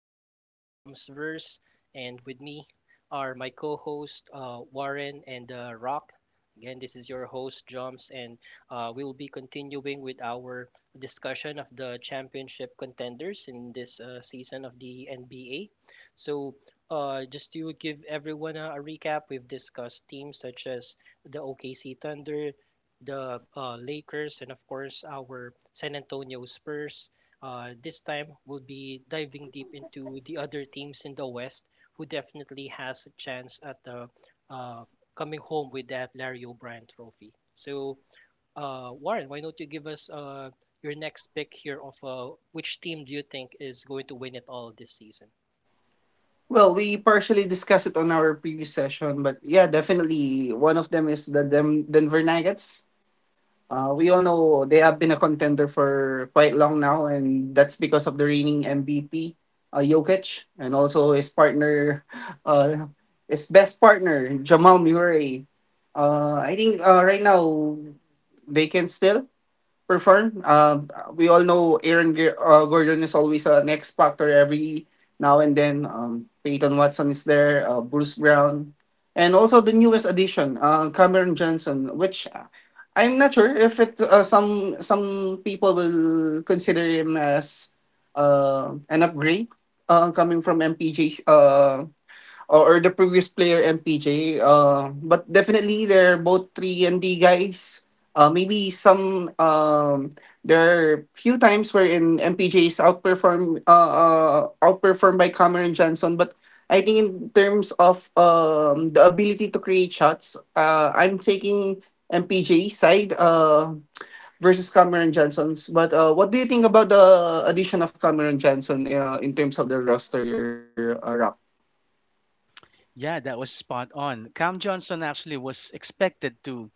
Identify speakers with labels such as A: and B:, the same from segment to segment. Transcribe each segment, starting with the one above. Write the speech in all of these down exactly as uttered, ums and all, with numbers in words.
A: again in the Jumpsverse, and with me are my co-host uh, Warren and uh, Rock. Again, this is your host Jumps, and uh, we will be continuing with our discussion of the championship contenders in this uh, season of the N B A. So, uh, just to give everyone a, a recap, we've discussed teams such as the O K C Thunder, the uh, Lakers, and of course our San Antonio Spurs. Uh, this time we'll be diving deep into the other teams in the West who definitely has a chance at uh, uh, coming home with that Larry O'Brien trophy. So, uh, Warren, why don't you give us uh, your next pick here of uh, which team do you think is going to win it all this season?
B: Well, we partially discussed it on our previous session, but yeah, definitely one of them is the Dem- Denver Nuggets. Uh, we all know they have been a contender for quite long now, and that's because of the reigning M V P, uh, Jokic, and also his partner, uh, his best partner, Jamal Murray. Uh, I think uh, right now they can still perform. Uh, we all know Aaron G- uh, Gordon is always an X factor every now and then. Um, Peyton Watson is there, uh, Bruce Brown, and also the newest addition, uh, Cameron Johnson, which uh, I'm not sure if it uh, some some people will consider him as uh, an upgrade uh, coming from M P J. Uh, or, or the previous player M P J. Uh, but definitely they're both three and D guys. Uh, maybe some um, there are few times wherein M P J is outperformed uh, uh, outperformed by Cameron Johnson, but I think in terms of um, the ability to create shots, uh, I'm taking M P J side uh, versus Cameron Johnson's. But uh, what do you think about the addition of Cameron Johnson uh, in terms of the roster? Uh, Rock?
C: Yeah, that was spot on. Cam Johnson actually was expected to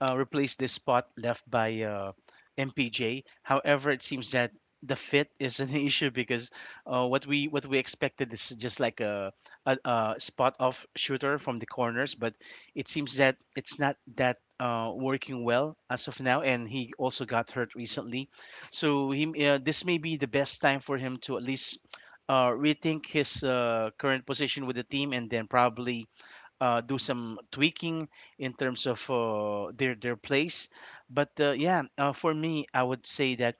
C: uh, replace this spot left by uh, M P J. However, it seems that the fit is an issue because uh, what we what we expected is just like a, a, a spot off shooter from the corners, but it seems that it's not that uh, working well as of now, and he also got hurt recently. So he, uh, this may be the best time for him to at least uh, rethink his uh, current position with the team, and then probably uh, do some tweaking in terms of uh, their their plays. But uh, yeah, uh, for me, I would say that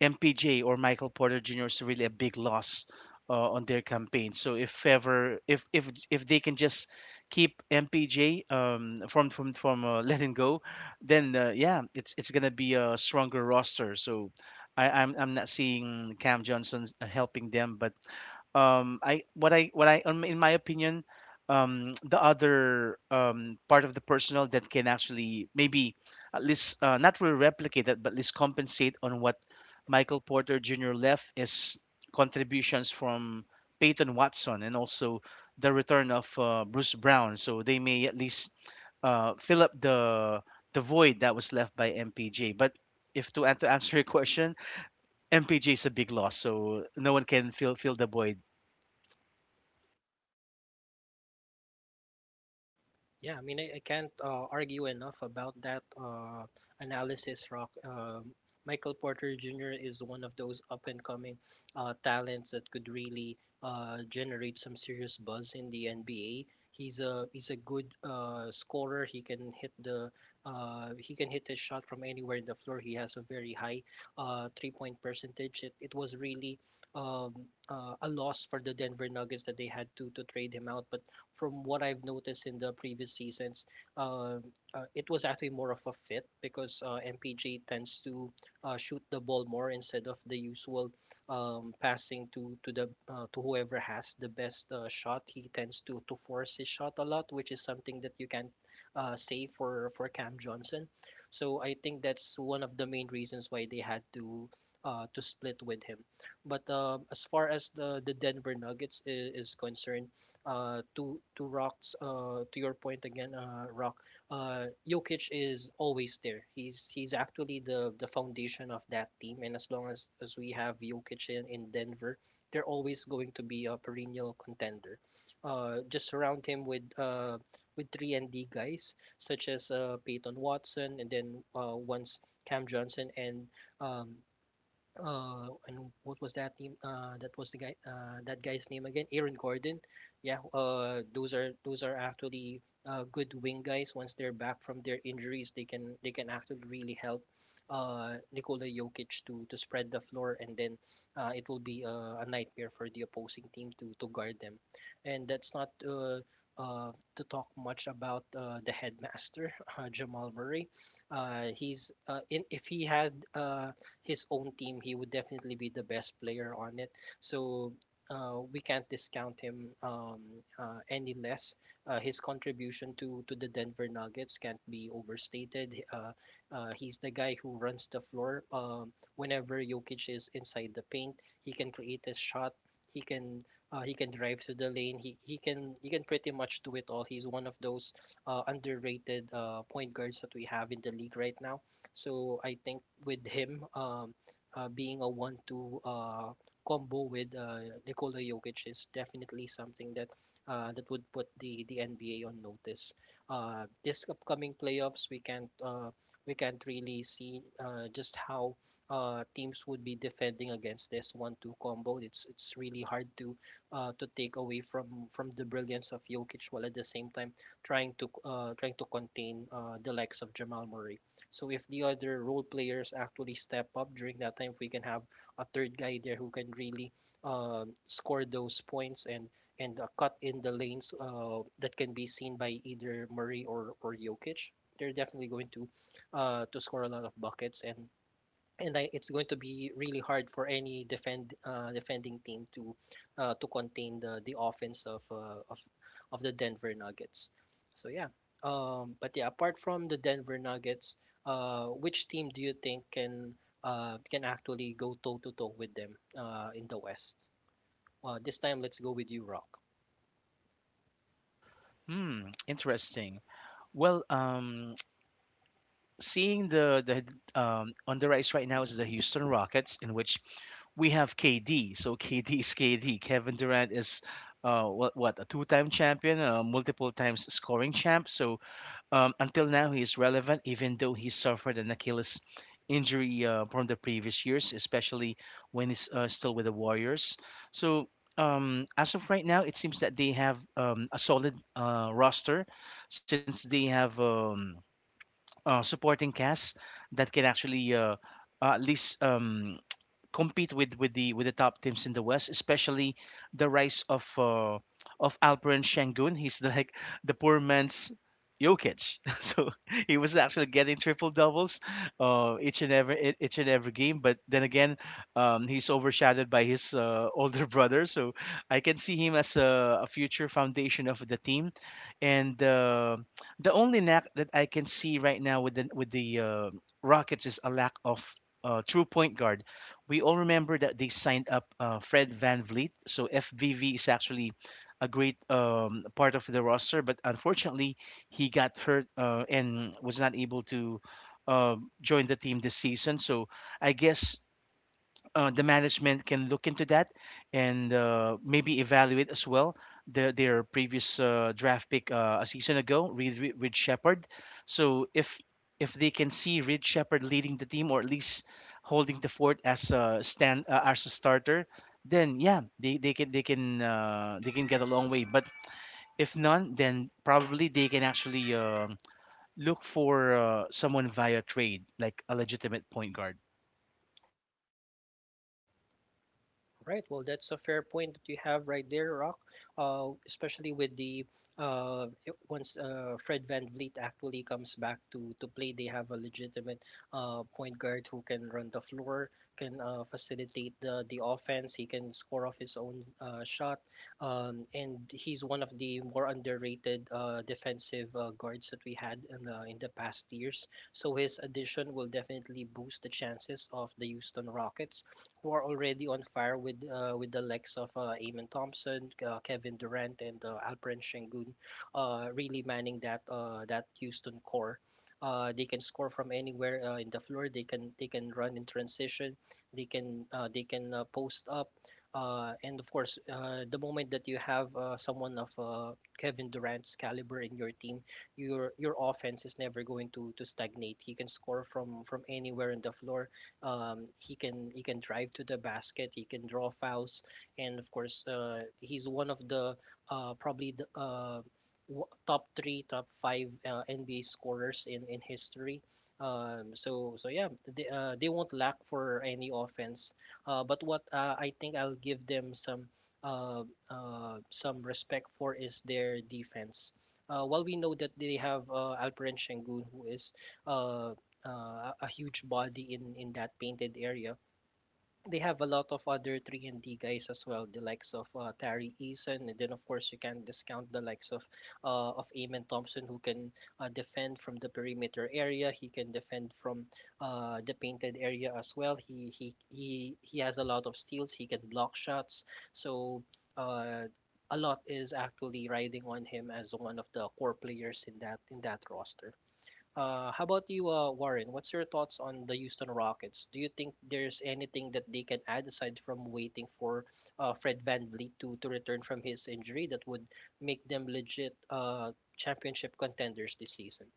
C: M P J or Michael Porter Junior is really a big loss uh, on their campaign. So if ever if if if they can just keep M P J um, from from from uh, letting go, then uh, yeah, it's it's gonna be a stronger roster. So. I, I'm, I'm not seeing Cam Johnson helping them, but um I what I what I um, in my opinion, um the other um part of the personnel that can actually maybe at least uh, not really replicate that, but at least compensate on what Michael Porter Jr. left is contributions from Peyton Watson and also the return of uh, Bruce Brown. So they may at least uh, fill up the the void that was left by MPJ. But if to, an- to answer your question, MPJ is a big loss, so no one can fill fill the void.
A: Yeah, I mean, I, I can't uh, argue enough about that uh, analysis, Rock. Um, Michael Porter Junior is one of those up and coming uh, talents that could really uh, generate some serious buzz in the N B A. He's a he's a good uh, scorer. He can hit the uh, he can hit his shot from anywhere in the floor. He has a very high uh, three point percentage. It, it was really um, uh, a loss for the Denver Nuggets that they had to to trade him out, but from what I've noticed in the previous seasons, uh, uh, it was actually more of a fit because uh, M P G tends to uh, shoot the ball more instead of the usual um, passing to to the uh, to whoever has the best uh, shot. He tends to to force his shot a lot, which is something that you can uh, say for for Cam Johnson. So I think that's one of the main reasons why they had to uh, to split with him. But um, as far as the the Denver Nuggets is, is concerned, uh, to to Rock's uh, to your point again, uh, Rock. Uh, Jokic is always there. He's he's actually the the foundation of that team, and as long as as we have Jokic in, in Denver, they're always going to be a perennial contender. Uh, just surround him with uh, with three and D guys such as uh, Peyton Watson, and then uh, once Cam Johnson and um, uh and what was that name uh that was the guy uh that guy's name again, Aaron Gordon. Yeah, uh those are those are actually uh good wing guys. Once they're back from their injuries, they can they can actually really help uh Nikola Jokic to to spread the floor, and then uh it will be uh, a nightmare for the opposing team to to guard them, and that's not uh uh, to talk much about uh, the headmaster, uh, Jamal Murray. Uh, he's uh, in if he had uh, his own team, he would definitely be the best player on it. So uh, we can't discount him um, uh, any less. Uh, his contribution to to the Denver Nuggets can't be overstated. Uh, uh, he's the guy who runs the floor. Um, whenever Jokic is inside the paint, he can create his shot. He can uh, he can drive to the lane. He, he can he can pretty much do it all. He's one of those uh, underrated uh, point guards that we have in the league right now. So I think with him um, uh, being a one two uh, combo with uh, Nikola Jokic is definitely something that uh, that would put the the N B A on notice. Uh, this upcoming playoffs, we can't uh, we can't really see uh, just how uh, teams would be defending against this one two combo. It's it's really hard to uh, to take away from from the brilliance of Jokic while at the same time trying to uh, trying to contain uh, the likes of Jamal Murray. So if the other role players actually step up during that time, if we can have a third guy there who can really um, score those points and and uh, cut in the lanes uh, that can be seen by either Murray or or Jokic, they're definitely going to uh, to score a lot of buckets, and and I, it's going to be really hard for any defend uh, defending team to uh, to contain the the offense of uh, of of the Denver Nuggets. So yeah, um, but yeah, apart from the Denver Nuggets, uh, which team do you think can uh, can actually go toe to toe with them uh, in the West? Uh, this time, let's go with you, Rock.
C: Hmm, interesting. Well, um, seeing the the um, on the rise right now is the Houston Rockets, in which we have K D. So K D is K D. Kevin Durant is uh, what what a two-time champion, a multiple times scoring champ. So um, until now, he is relevant, even though he suffered an Achilles injury uh, from the previous years, especially when he's uh, still with the Warriors. So, um, as of right now, it seems that they have um, a solid uh, roster, since they have um, uh, supporting cast that can actually uh, uh, at least um, compete with with the with the top teams in the West, especially the rise of uh, of Alperen Sengun. He's the, like the poor man's Jokic. So he was actually getting triple doubles uh, each and every e- each and every game. But then again, um, he's overshadowed by his uh, older brother. So I can see him as a, a future foundation of the team. And uh, the only lack that I can see right now with the with the uh, Rockets is a lack of uh, true point guard. We all remember that they signed up uh, Fred Van Vliet. So F V V is actually a great um, part of the roster, but unfortunately, he got hurt uh, and was not able to uh, join the team this season. So I guess uh, the management can look into that, and uh, maybe evaluate as well their their previous uh, draft pick uh, a season ago, Reed, Reed Reed Shepard. So if if they can see Reed Shepard leading the team, or at least holding the fort as a stand uh, as a starter, then yeah, they, they can they can uh, they can get a long way. But if none, then probably they can actually um look for uh, someone via trade, like a legitimate point guard.
A: Right. Well, that's a fair point that you have right there, Rock. Uh, especially with the uh, it- once uh, Fred VanVleet actually comes back to to play, they have a legitimate uh, point guard who can run the floor, can uh, facilitate the the offense. He can score off his own uh, shot, um, and he's one of the more underrated uh, defensive uh, guards that we had in the in the past years. So his addition will definitely boost the chances of the Houston Rockets, who are already on fire with uh, with the likes of uh, Amen Thompson, uh, Kevin Durant, and uh, Alperen Sengun, uh, really manning that uh, that Houston core. Uh, they can score from anywhere uh, in the floor. They can they can run in transition. They can uh, they can uh, post up, uh, and of course, uh, the moment that you have uh, someone of uh, Kevin Durant's caliber in your team, your your offense is never going to to stagnate. He can score from from anywhere in the floor. Um, he can he can drive to the basket. He can draw fouls, and of course, uh, he's one of the uh, probably the uh, w- top three, top five uh, N B A scorers in in history. Um, so so yeah, they, uh, they won't lack for any offense. Uh, but what uh, I think I'll give them some uh, uh, some respect for is their defense. Uh, while we know that they have uh, Alperen Sengun, who is uh, uh, a huge body in in that painted area, they have a lot of other three and D guys as well, the likes of uh, Terry Eason, and then of course you can't discount the likes of uh, of Amen Thompson, who can uh, defend from the perimeter area. He can defend from uh, the painted area as well. He he he he has a lot of steals. He can block shots. So. Uh, a lot is actually riding on him as one of the core players in that in that roster. Uh, how about you, uh, Warren? What's your thoughts on the Houston Rockets? Do you think there's anything that they can add aside from waiting for uh, Fred VanVleet to to return from his injury that would make them legit uh, championship contenders this season?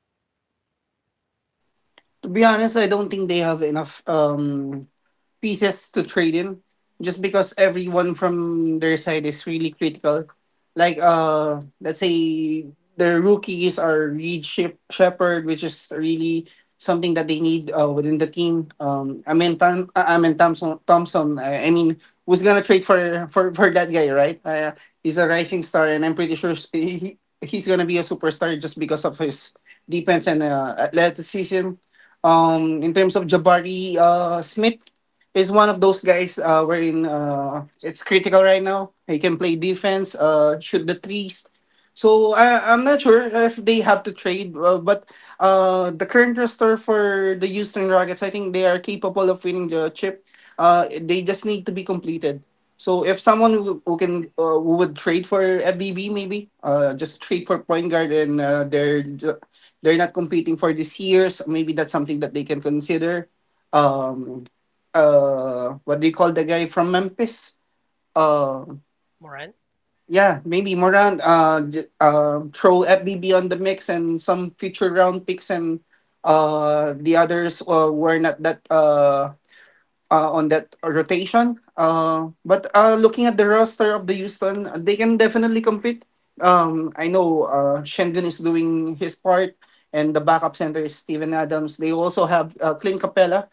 B: To be honest, I don't think they have enough um pieces to trade in just because everyone from their side is really critical. Like uh let's say the rookies are Reed Shep- Shepherd, which is really something that they need uh, within the team. Um I mean Tom, I I mean Thompson Thompson I, I mean Who's gonna trade for for, for that guy, right? Uh, he's a rising star and I'm pretty sure s- he, he's gonna be a superstar just because of his defense and uh, athleticism. Um in terms of Jabari uh Smith is one of those guys uh wherein uh it's critical right now. He can play defense, uh shoot the threes. So I I'm not sure if they have to trade, uh, but uh the current roster for the Houston Rockets, I think they are capable of winning the chip. Uh they just need to be completed. So if someone who, who can uh, who would trade for F B B maybe, uh just trade for point guard and uh, they're ju- they're not competing for this year's, maybe that's something that they can consider. Um, uh what do you call the guy from Memphis? Uh
A: Moran?
B: yeah, maybe Morant, uh, j- uh throw F B B on the mix and some future round picks and uh the others uh, were not that uh uh, on that rotation. Uh, but uh, looking at the roster of the Houston, they can definitely compete. Um, I know uh, Shengun is doing his part, and the backup center is Steven Adams. They also have uh, Clint Capella,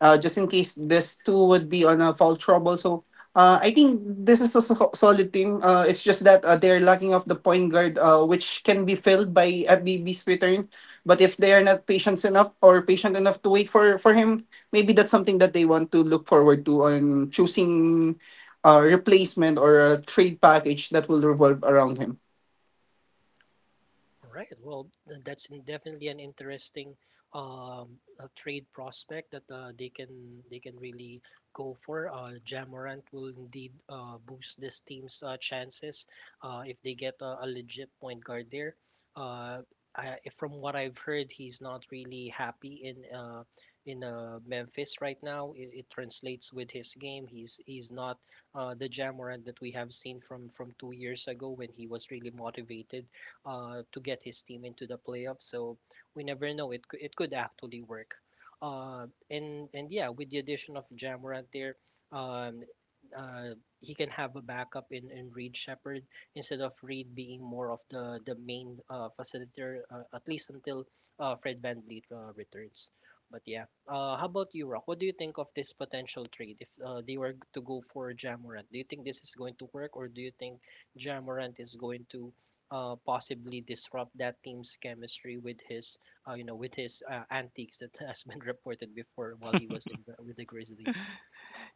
B: uh, just in case this two would be on a foul trouble. So uh, I think this is a so- solid team. Uh, it's just that uh, they're lacking of the point guard, uh, which can be filled by F B B's return. But if they are not patient enough or patient enough to wait for for him, maybe that's something that they want to look forward to on choosing a replacement or a trade package that will revolve around him.
A: All right. Well, th- that's in- definitely an interesting um, uh trade prospect that uh, they can they can really go for. Uh, Jamorant will indeed uh, boost this team's uh, chances uh, if they get a, a legit point guard there. Uh, I, from what I've heard, he's not really happy in uh, in uh, Memphis right now. It, it translates with his game. He's he's not uh, the Jamorant that we have seen from from two years ago when he was really motivated uh, to get his team into the playoffs. So we never know. It could, it could actually work. Uh, and and yeah, with the addition of Jamorant there, um, uh, he can have a backup in, in Reed Shepard instead of Reed being more of the the main uh, facilitator uh, at least until uh, Fred VanVleet uh, returns. But yeah, uh, how about you, Rock? What do you think of this potential trade if uh, they were to go for Jamorant? Do you think this is going to work, or do you think Jamorant is going to uh, possibly disrupt that team's chemistry with his uh, you know with his uh, antics that has been reported before while he was in the, with the Grizzlies.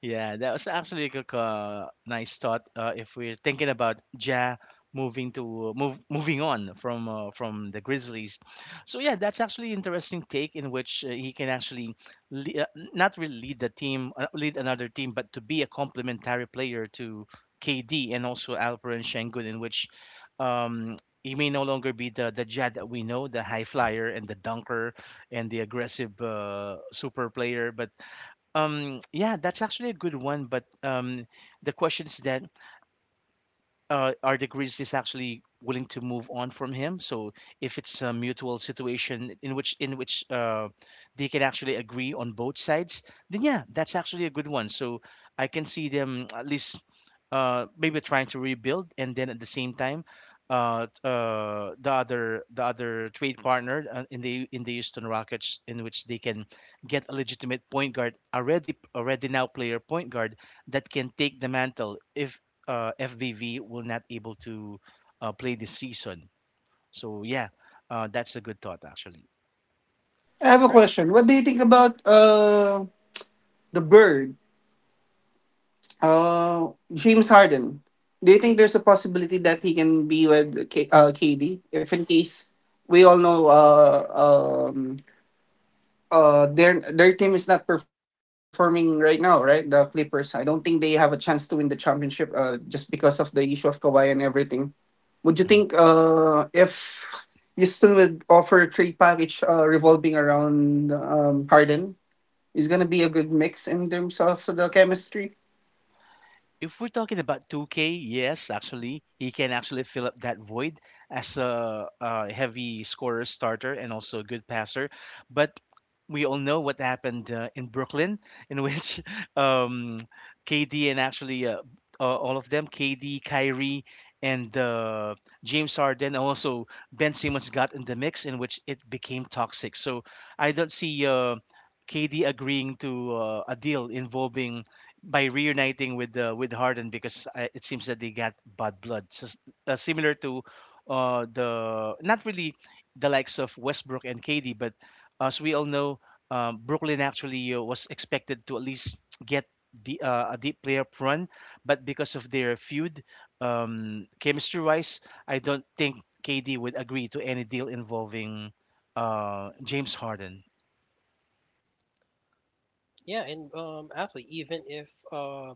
C: Yeah, that was actually a uh, nice thought. Uh, if we're thinking about Ja moving to move, moving on from uh, from the Grizzlies, so yeah, that's actually interesting take in which uh, he can actually le- uh, not really lead the team, uh, lead another team, but to be a complementary player to K D and also Alperen Sengun, in which um, he may no longer be the the Ja that we know, the high flyer and the dunker and the aggressive uh, super player. But um, yeah, that's actually a good one, but um, the question is that uh, our degrees is actually willing to move on from him. So if it's a mutual situation in which in which uh, they can actually agree on both sides, then yeah, that's actually a good one. So I can see them at least uh, maybe trying to rebuild, and then at the same time, uh, uh, the other the other trade partner uh, in the in the Houston Rockets, in which they can get a legitimate point guard, already already now player point guard that can take the mantle if uh, F B V will not able to uh, play this season. So yeah, uh, that's a good thought actually.
B: I have a
A: Right.
B: question. What do you think about uh the bird? Uh James Harden. Do you think there's a possibility that he can be with K- uh, K D if in case we all know uh um uh their their team is not performing right now, right? The Clippers. I don't think they have a chance to win the championship uh just because of the issue of Kawhi and everything. Would you think
C: Mhm.
B: uh if Houston would offer a trade package uh revolving around um Harden is gonna be a good mix in terms of the chemistry?
C: If we're talking about two K, yes, actually he can actually fill up that void as a, a heavy scorer starter and also a good passer. But we all know what happened uh, in Brooklyn, in which um, K D and actually uh, uh, all of them, K D, Kyrie, and uh, James Harden, and also Ben Simmons got in the mix, in which it became toxic. So I don't see uh, K D agreeing to uh, a deal involving by reuniting with uh, with Harden, because I, it seems that they got bad blood, so, s- uh, similar to uh, the not really the likes of Westbrook and K D, but as we all know, um, Brooklyn actually uh, was expected to at least get the, uh, a deep playoff run, but because of their feud, um, chemistry-wise, I don't think K D would agree to any deal involving uh, James Harden.
A: Yeah, and um, actually, even if um,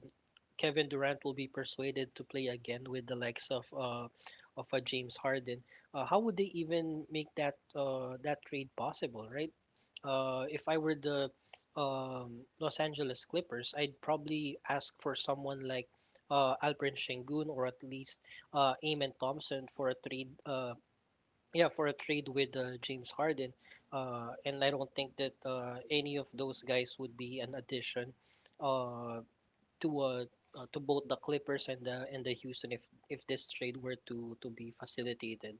A: Kevin Durant will be persuaded to play again with the likes of uh, of a James Harden, uh, how would they even make that uh, that trade possible, right? Uh, if I were the um, Los Angeles Clippers, I'd probably ask for someone like uh, Alperen Sengun or at least uh, Amen Thompson for a trade uh, yeah, for a trade with uh, James Harden. Uh, and I don't think that uh, any of those guys would be an addition. Uh, to uh, uh, to both the Clippers and the and the Houston if if this trade were to to be facilitated.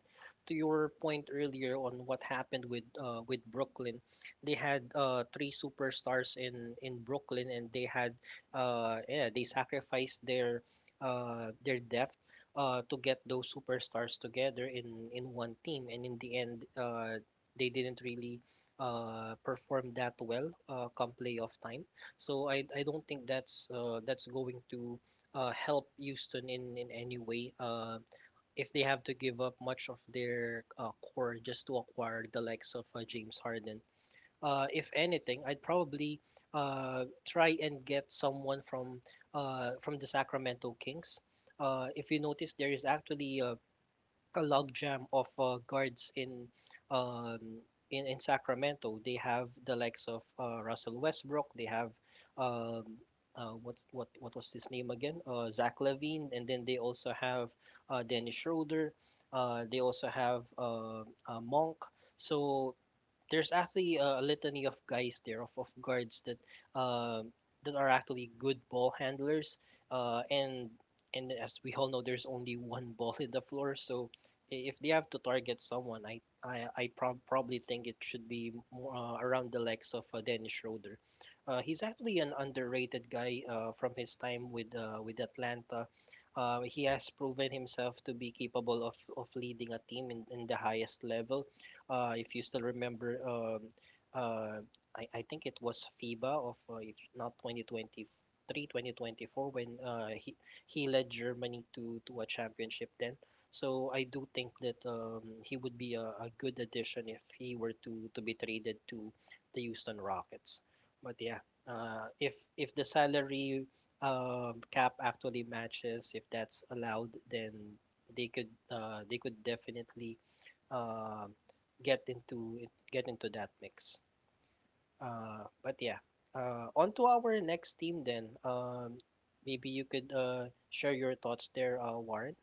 A: To your point earlier on what happened with uh, with Brooklyn, they had uh, three superstars in in Brooklyn, and they had uh, yeah they sacrificed their uh, their depth Uh, to get those superstars together in in one team. And in the end, uh, they didn't really uh, perform that well uh, come playoff time, so I I don't think that's uh that's going to uh help Houston in in any way. Uh, if they have to give up much of their uh, core just to acquire the likes of uh, James Harden. Uh, if anything, I'd probably uh try and get someone from uh from the Sacramento Kings. Uh, if you notice, there is actually a a logjam of uh, guards in um in, in Sacramento. They have the likes of uh, Russell Westbrook. They have um, uh, what what what was his name again? Uh, Zach Levine, and then they also have uh, Dennis Schroeder. Uh, they also have uh, uh, Monk. So there's actually a litany of guys there of, of guards that um that are actually good ball handlers, uh and and as we all know, there's only one ball in the floor. So i- if they have to target someone, i i, I prob- probably think it should be more, uh, around the legs of uh, Dennis Schroeder. Uh, he's actually an underrated guy uh, from his time with uh, with Atlanta. Uh, he has proven himself to be capable of, of leading a team in, in the highest level. Uh, if you still remember, um, uh, I, I think it was FIBA of uh, if not twenty twenty three, twenty twenty four, when uh, he he led Germany to to a championship then. So I do think that um, he would be a, a good addition if he were to to be traded to the Houston Rockets. But yeah, uh, if if the salary um, cap actually matches, if that's allowed, then they could uh, they could definitely um, get into it, get into that mix. Uh, but yeah, uh, on to our next team then. Um, maybe you could uh, share your thoughts there, uh, Warren.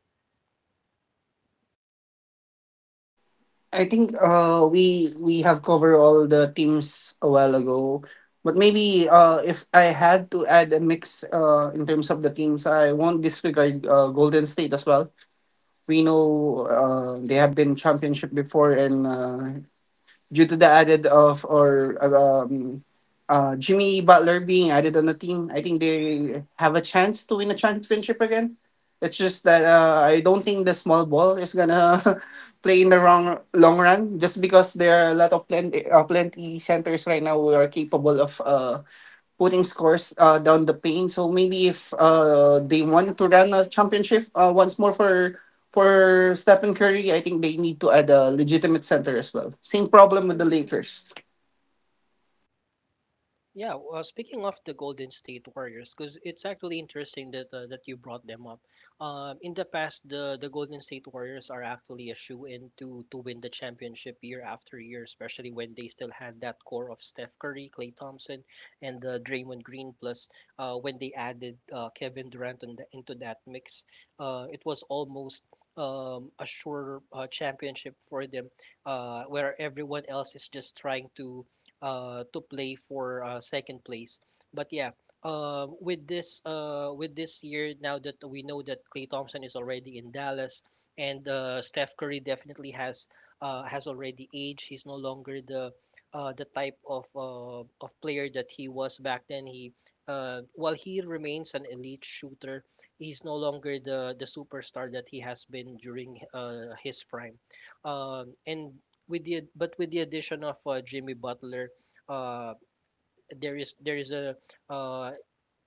B: I think uh we we have covered all the teams a while ago. But maybe uh if I had to add a mix uh in terms of the teams, I won't disregard uh, Golden State as well. We know uh, they have been championship before and uh, due to the added of or um, uh, Jimmy Butler being added on the team, I think they have a chance to win a championship again. It's just that uh, I don't think the small ball is gonna play in the wrong long run just because there are a lot of plenty, uh, plenty centers right now who are capable of uh, putting scores uh, down the pain. So maybe if uh, they want to run a championship uh, once more for for Stephen Curry, I think they need to add a legitimate center as well. Same problem with the Lakers.
A: Yeah, well, uh, speaking of the Golden State Warriors, because it's actually interesting that uh, that you brought them up. Um, in the past, the the Golden State Warriors are actually a shoe-in to to win the championship year after year, especially when they still had that core of Steph Curry, Klay Thompson, and uh, Draymond Green. Plus, uh, when they added uh, Kevin Durant on the, into that mix, uh, it was almost um, a sure uh, championship for them, uh, where everyone else is just trying to uh, to play for uh, second place. But yeah, uh, with this uh, with this year, now that we know that Clay Thompson is already in Dallas, and uh, Steph Curry definitely has uh, has already aged. He's no longer the uh, the type of uh, of player that he was back then. He uh, While he remains an elite shooter, he's no longer the the superstar that he has been during uh, his prime. Um, and with the but with the addition of uh, Jimmy Butler, uh, there is there is a uh,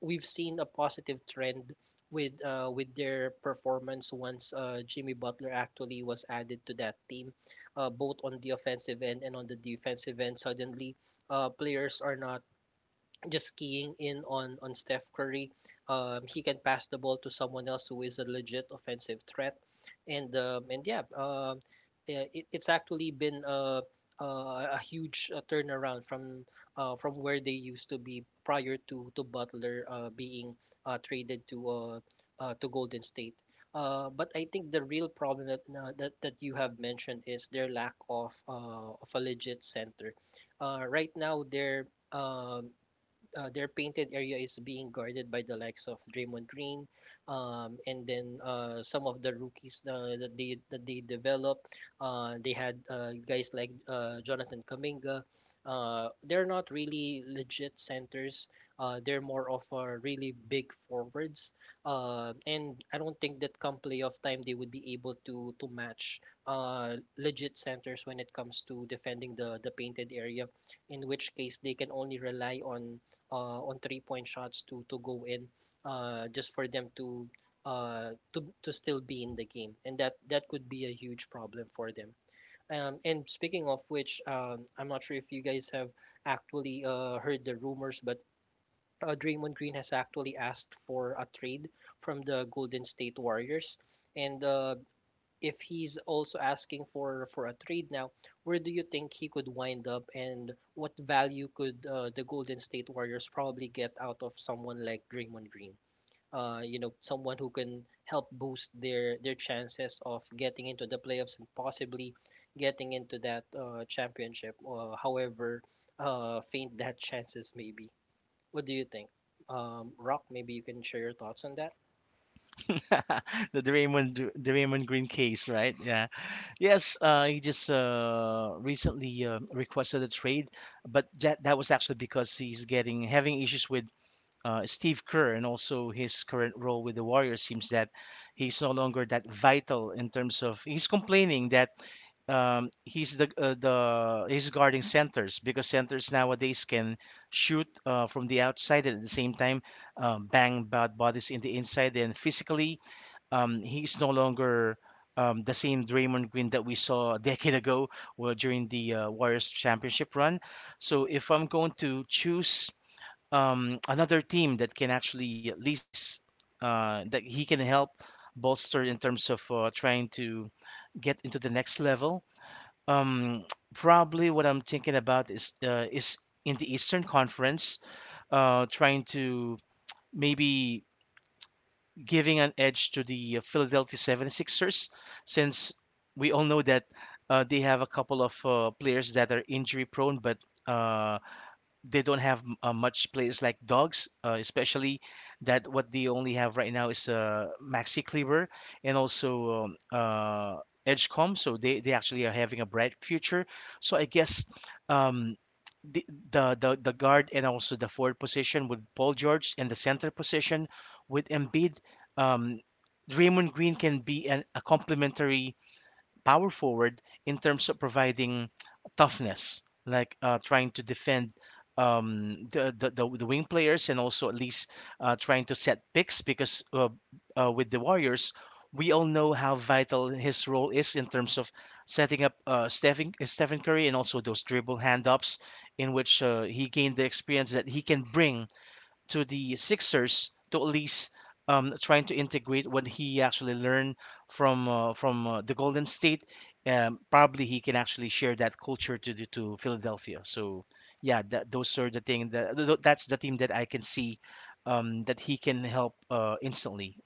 A: we've seen a positive trend with uh, with their performance once uh, Jimmy Butler actually was added to that team, uh, both on the offensive end and on the defensive end. Suddenly, uh, players are not just keying in on on Steph Curry. Um, he can pass the ball to someone else who is a legit offensive threat, and um, and yeah, um, eh, it, it's actually been a a, a huge uh, turnaround from uh, from where they used to be prior to to Butler uh, being uh, traded to uh, uh, to Golden State. Uh, but I think the real problem that uh, that that you have mentioned is their lack of uh, of a legit center. Uh, right now, they're um, uh, their painted area is being guarded by the likes of Draymond Green, um, and then uh, some of the rookies uh, that they that they developed. Uh, they had uh, guys like uh, Jonathan Kaminga. Uh, they're not really legit centers. Uh, they're more of uh, really big forwards, uh, and I don't think that come playoff time they would be able to to match uh, legit centers when it comes to defending the the painted area, in which case they can only rely on uh, on three point shots to to go in, uh, just for them to uh, to to still be in the game, and that that could be a huge problem for them. Um, and speaking of which, um, I'm not sure if you guys have actually uh, heard the rumors, but uh, Draymond Green has actually asked for a trade from the Golden State Warriors, and uh, if he's also asking for for a trade now, where do you think he could wind up, and what value could uh, the Golden State Warriors probably get out of someone like Draymond Green? Uh, you know, someone who can help boost their their chances of getting into the playoffs and possibly getting into that uh, championship, uh, however uh, faint that chances may be. What do you think? Um, Rock, maybe you can share your thoughts on that.
C: The Draymond Gr- Draymond Green case, right? Yeah, yes. Uh, he just uh, recently uh, requested a trade, but that that was actually because he's getting having issues with uh, Steve Kerr and also his current role with the Warriors. Seems that he's no longer that vital, in terms of he's complaining that. Um, he's the uh, the he's guarding centers because centers nowadays can shoot uh, from the outside and at the same time um, bang bad bodies in the inside, and physically um, he's no longer um, the same Draymond Green that we saw a decade ago, well, during the uh, Warriors championship run. So if I'm going to choose um, another team that can actually at least uh, that he can help bolster in terms of uh, trying to get into the next level, um, probably what I'm thinking about is uh, is in the Eastern Conference, uh, trying to maybe giving an edge to the uh, Philadelphia seventy-six Sixers, since we all know that uh, they have a couple of uh, players that are injury prone, but uh, they don't have uh, much players like dogs, uh, especially that what they only have right now is uh, Maxi Kleber and also um, uh, Edgecomb. So they, they actually are having a bright future. So I guess um, the, the the the guard and also the forward position with Paul George, and the center position with Embiid. Um, Draymond Green can be an, a complementary power forward in terms of providing toughness, like uh, trying to defend um, the, the, the the wing players, and also at least uh, trying to set picks, because uh, uh, with the Warriors, we all know how vital his role is in terms of setting up uh, Stephen, Stephen Curry and also those dribble handoffs, in which uh, he gained the experience that he can bring to the Sixers, to at least um, trying to integrate what he actually learned from uh, from uh, the Golden State. Um, probably he can actually share that culture to the, to Philadelphia. So yeah, that, those are the thing that th- th- that's the team that I can see, um, that he can help uh, instantly.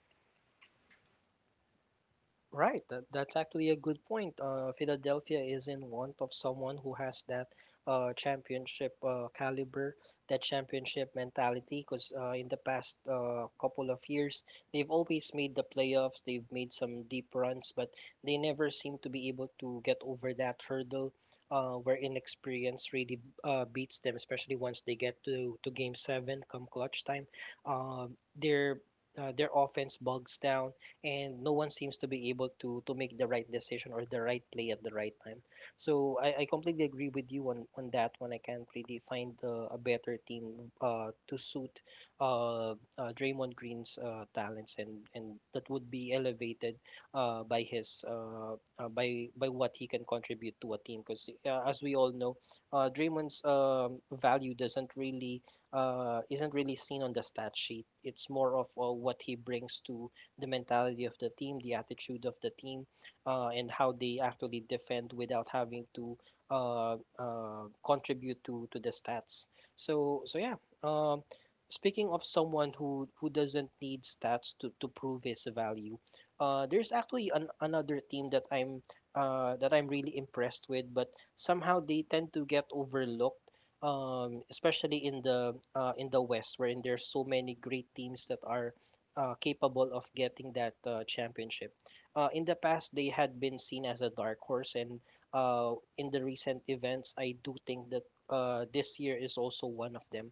A: Right, that, that's actually a good point. Uh, Philadelphia is in want of someone who has that uh, championship uh, caliber, that championship mentality. Because uh, in the past uh, couple of years, they've always made the playoffs, they've made some deep runs, but they never seem to be able to get over that hurdle, uh, where inexperience really uh, beats them, especially once they get to, to game seven come clutch time. Uh, their, uh, their offense bogs down and no one seems to be able to to make the right decision or the right play at the right time. So I, I completely agree with you on, on that one. I can't really find uh, a better team uh, to suit uh, uh, Draymond Green's uh, talents, and, and that would be elevated uh, by his uh, uh, by by what he can contribute to a team. Because uh, as we all know, uh, Draymond's um, value doesn't really uh, isn't really seen on the stat sheet. It's more of uh, what he brings to the mentality of the team, the attitude of the team, uh, and how they actually defend without having to uh, uh, contribute to to the stats. So so yeah. Um, Speaking of someone who who doesn't need stats to to prove his value, uh, there's actually an, another team that I'm uh, that I'm really impressed with, but somehow they tend to get overlooked, um, especially in the uh, in the West, wherein there's so many great teams that are uh, capable of getting that uh, championship. Uh, in the past, they had been seen as a dark horse, and uh, in the recent events, I do think that uh, this year is also one of them.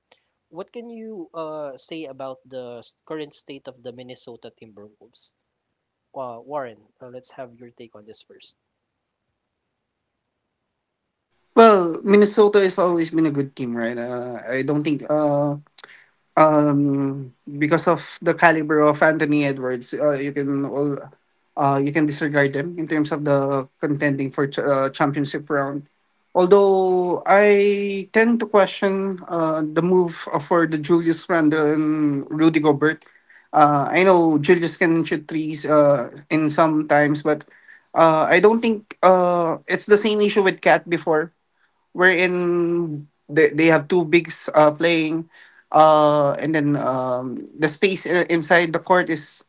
A: What can you uh, say about the s- current state of the Minnesota Timberwolves? Uh, Warren, uh, let's have your take on this first.
B: Well, Minnesota has always been a good team, right? Uh, I don't think uh, um because of the caliber of Anthony Edwards, uh, you can all uh, you can disregard them in terms of the contending for ch- uh, championship round. Although I tend to question uh, the move for the Julius Randle and Rudy Gobert. Uh, I know Julius can shoot threes uh, in some times, but uh, I don't think uh, it's the same issue with Cat before wherein they, they have two bigs uh, playing uh, and then um, the space i- inside the court is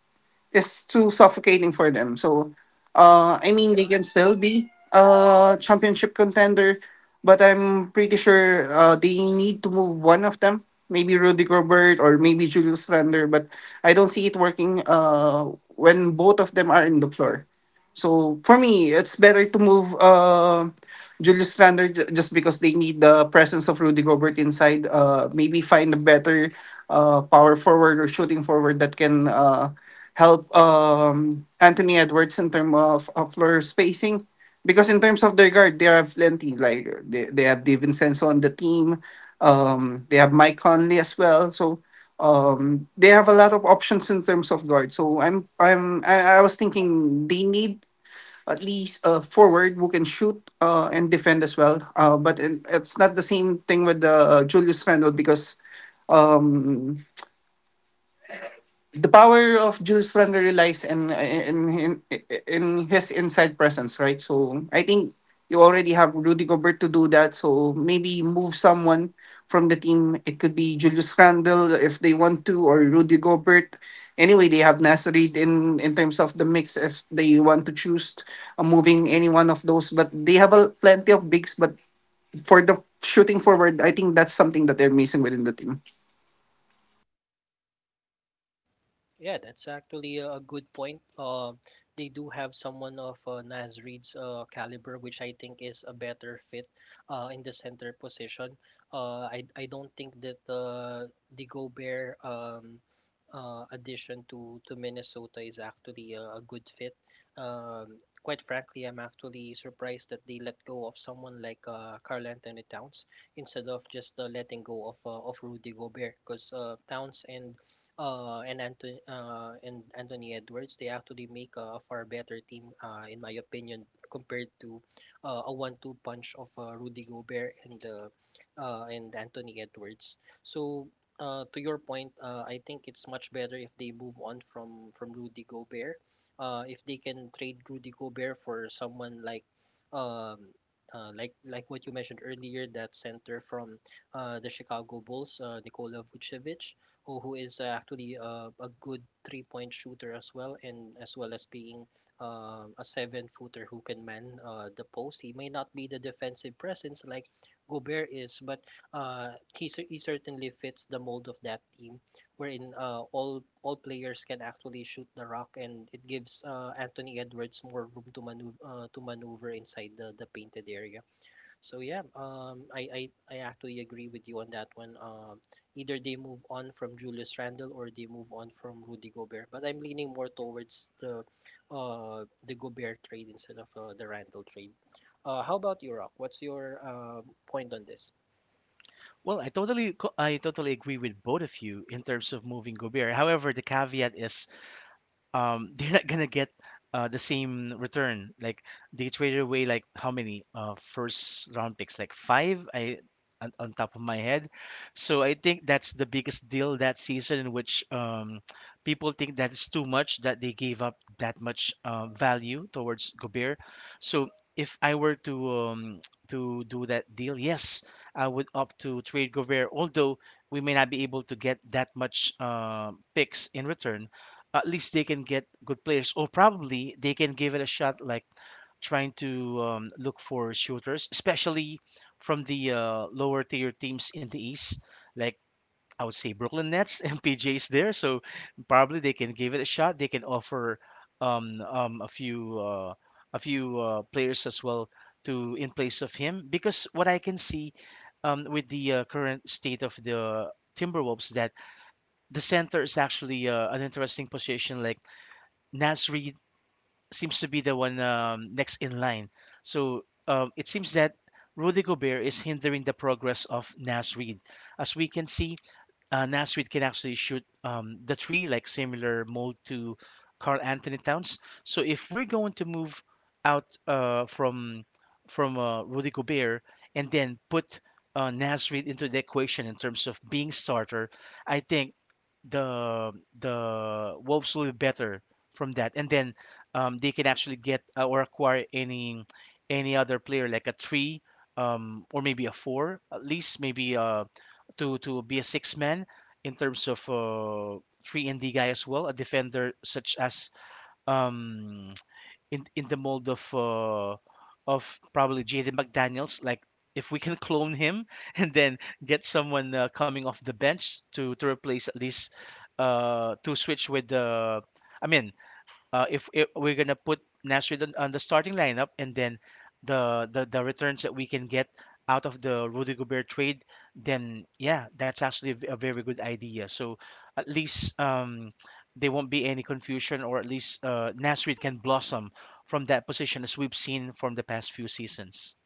B: is too suffocating for them. So, uh, I mean, they can still be a championship contender, but I'm pretty sure uh, they need to move one of them. Maybe Rudy Gobert or maybe Julius Randle, but I don't see it working uh, when both of them are in the floor. So for me, it's better to move uh, Julius Randle, ju- just because they need the presence of Rudy Gobert inside. Uh, maybe find a better uh, power forward or shooting forward that can. Uh, help um, Anthony Edwards in terms of, of floor spacing. Because in terms of their guard, they have plenty. Like they, they have DiVincenzo on the team. Um, they have Mike Conley as well. So um, they have a lot of options in terms of guard. So I'm I'm I, I was thinking they need at least a forward who can shoot uh, and defend as well. Uh, but it, it's not the same thing with uh, Julius Randle because um, the power of Jules Randle relies in in, in in his inside presence, right? So I think you already have Rudy Gobert to do that. So maybe move someone from the team. It could be Julius Randle if they want to, or Rudy Gobert. Anyway, they have Nasrid in in terms of the mix if they want to choose uh, moving any one of those. But they have a plenty of bigs. But for the shooting forward, I think that's something that they're missing within the team.
A: Yeah, that's actually a a good point. Uh, they do have someone of uh, Naz Reid's uh, caliber, which I think is a better fit uh, in the center position. Uh, I I don't think that uh, the Gobert um, uh, addition to to Minnesota is actually a, a good fit. Um, Quite frankly, I'm actually surprised that they let go of someone like uh, Karl Anthony Towns instead of just uh, letting go of uh, of Rudy Gobert, because uh, Towns and uh, and Anthony uh, and Anthony Edwards, they actually make a far better team, uh, in my opinion, compared to uh, a one-two punch of uh, Rudy Gobert and uh, uh, and Anthony Edwards. So uh, to your point, uh, I think it's much better if they move on from from Rudy Gobert. Uh, if they can trade Rudy Gobert for someone like um, uh, like like what you mentioned earlier, that center from uh, the Chicago Bulls, uh, Nikola Vucevic, who, who is uh, actually uh, a good three point shooter as well, and as well as being um, a seven footer who can man uh, the post. He may not be the defensive presence like Gobert is, but uh, he, cer- he certainly fits the mold of that team, wherein uh, all all players can actually shoot the rock, and it gives uh, Anthony Edwards more room to maneuver, uh, to maneuver inside the, the painted area. So yeah, um, I, I I actually agree with you on that one. Um, either they move on from Julius Randle or they move on from Rudy Gobert. But I'm leaning more towards the uh the Gobert trade instead of uh, the Randle trade. Uh, how about you, Rock? What's your um point on this?
C: Well, I totally co- I totally agree with both of you in terms of moving Gobert. However, the caveat is um they're not gonna get uh the same return. Like, they traded away like how many uh first round picks? Like five, I on, on top of my head. So I think that's the biggest deal that season, in which um people think that it's too much, that they gave up that much uh, value towards Gobert. So if I were to um to do that deal, yes, I would opt to trade Gobert, although we may not be able to get that much uh, picks in return. At least they can get good players, or probably they can give it a shot, like trying to um, look for shooters, especially from the uh, lower tier teams in the East, like I would say Brooklyn Nets and P J's there, so probably they can give it a shot. They can offer um, um, a few uh, a few uh, players as well, to in place of him, because what I can see, um, with the uh, current state of the Timberwolves, that the center is actually uh, an interesting position. Like, Nasri seems to be the one um, next in line. So um, it seems that Rudy Gobert is hindering the progress of Nasri. As we can see, uh, Nasrid can actually shoot um, the tree, like similar mold to Carl Anthony Towns. So if we're going to move out uh, from from uh, Rudy Gobert, and then put uh, Nasrid into the equation in terms of being starter, I think the the Wolves will be better from that, and then um, they can actually get uh, or acquire any any other player, like a three, um, or maybe a four at least, maybe uh, to to be a six man in terms of uh, three and D guy as well, a defender such as um in in the mold of uh, of probably Jaden McDaniels. Like, if we can clone him and then get someone uh, coming off the bench to to replace, at least uh to switch with the. I mean, uh, if, if we're gonna put Nasri on, on the starting lineup, and then the, the the returns that we can get out of the Rudy Gobert trade, then yeah, that's actually a v- a very good idea. So at least um, there won't be any confusion, or at least uh, Nasri can blossom from that position, as we've seen from the past few seasons.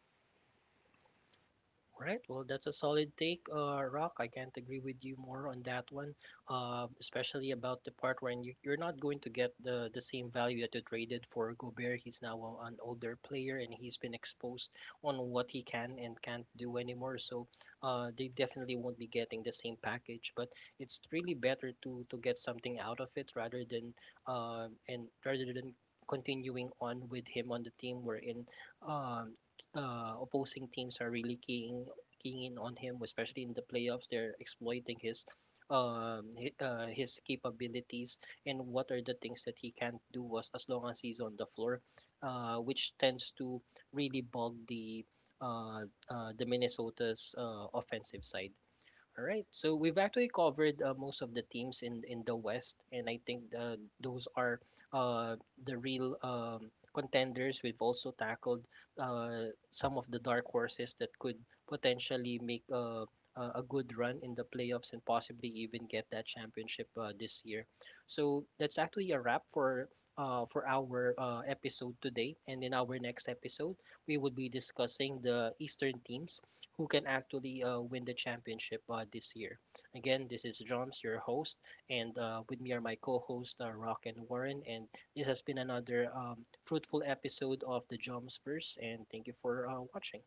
A: Right. Well, that's a solid take, uh, Rock. I can't agree with you more on that one, uh, especially about the part when you, you're not going to get the, the same value that you traded for Gobert. He's now a- an older player and he's been exposed on what he can and can't do anymore. So uh, they definitely won't be getting the same package. But it's really better to to get something out of it rather than uh, and rather than continuing on with him on the team. We're in. Um, uh, Opposing teams are really keying keying in on him, especially in the playoffs. They're exploiting his um hi- uh, his capabilities and what are the things that he can't do as, as long as he's on the floor, uh, which tends to really bog the uh, uh, the Minnesota's uh, offensive side. All right. So we've actually covered uh, most of the teams in in the West, and I think uh, those are uh, the real um, contenders. We've also tackled uh, some of the dark horses that could potentially make a, a a good run in the playoffs and possibly even get that championship uh, this year. So that's actually a wrap for. Uh, for our uh, episode today, and in our next episode, we will be discussing the Eastern teams who can actually uh, win the championship uh, this year. Again, this is Joms, your host, and uh, with me are my co-hosts uh, Rock and Warren. And this has been another um, fruitful episode of the Jomsverse. And thank you for uh, watching.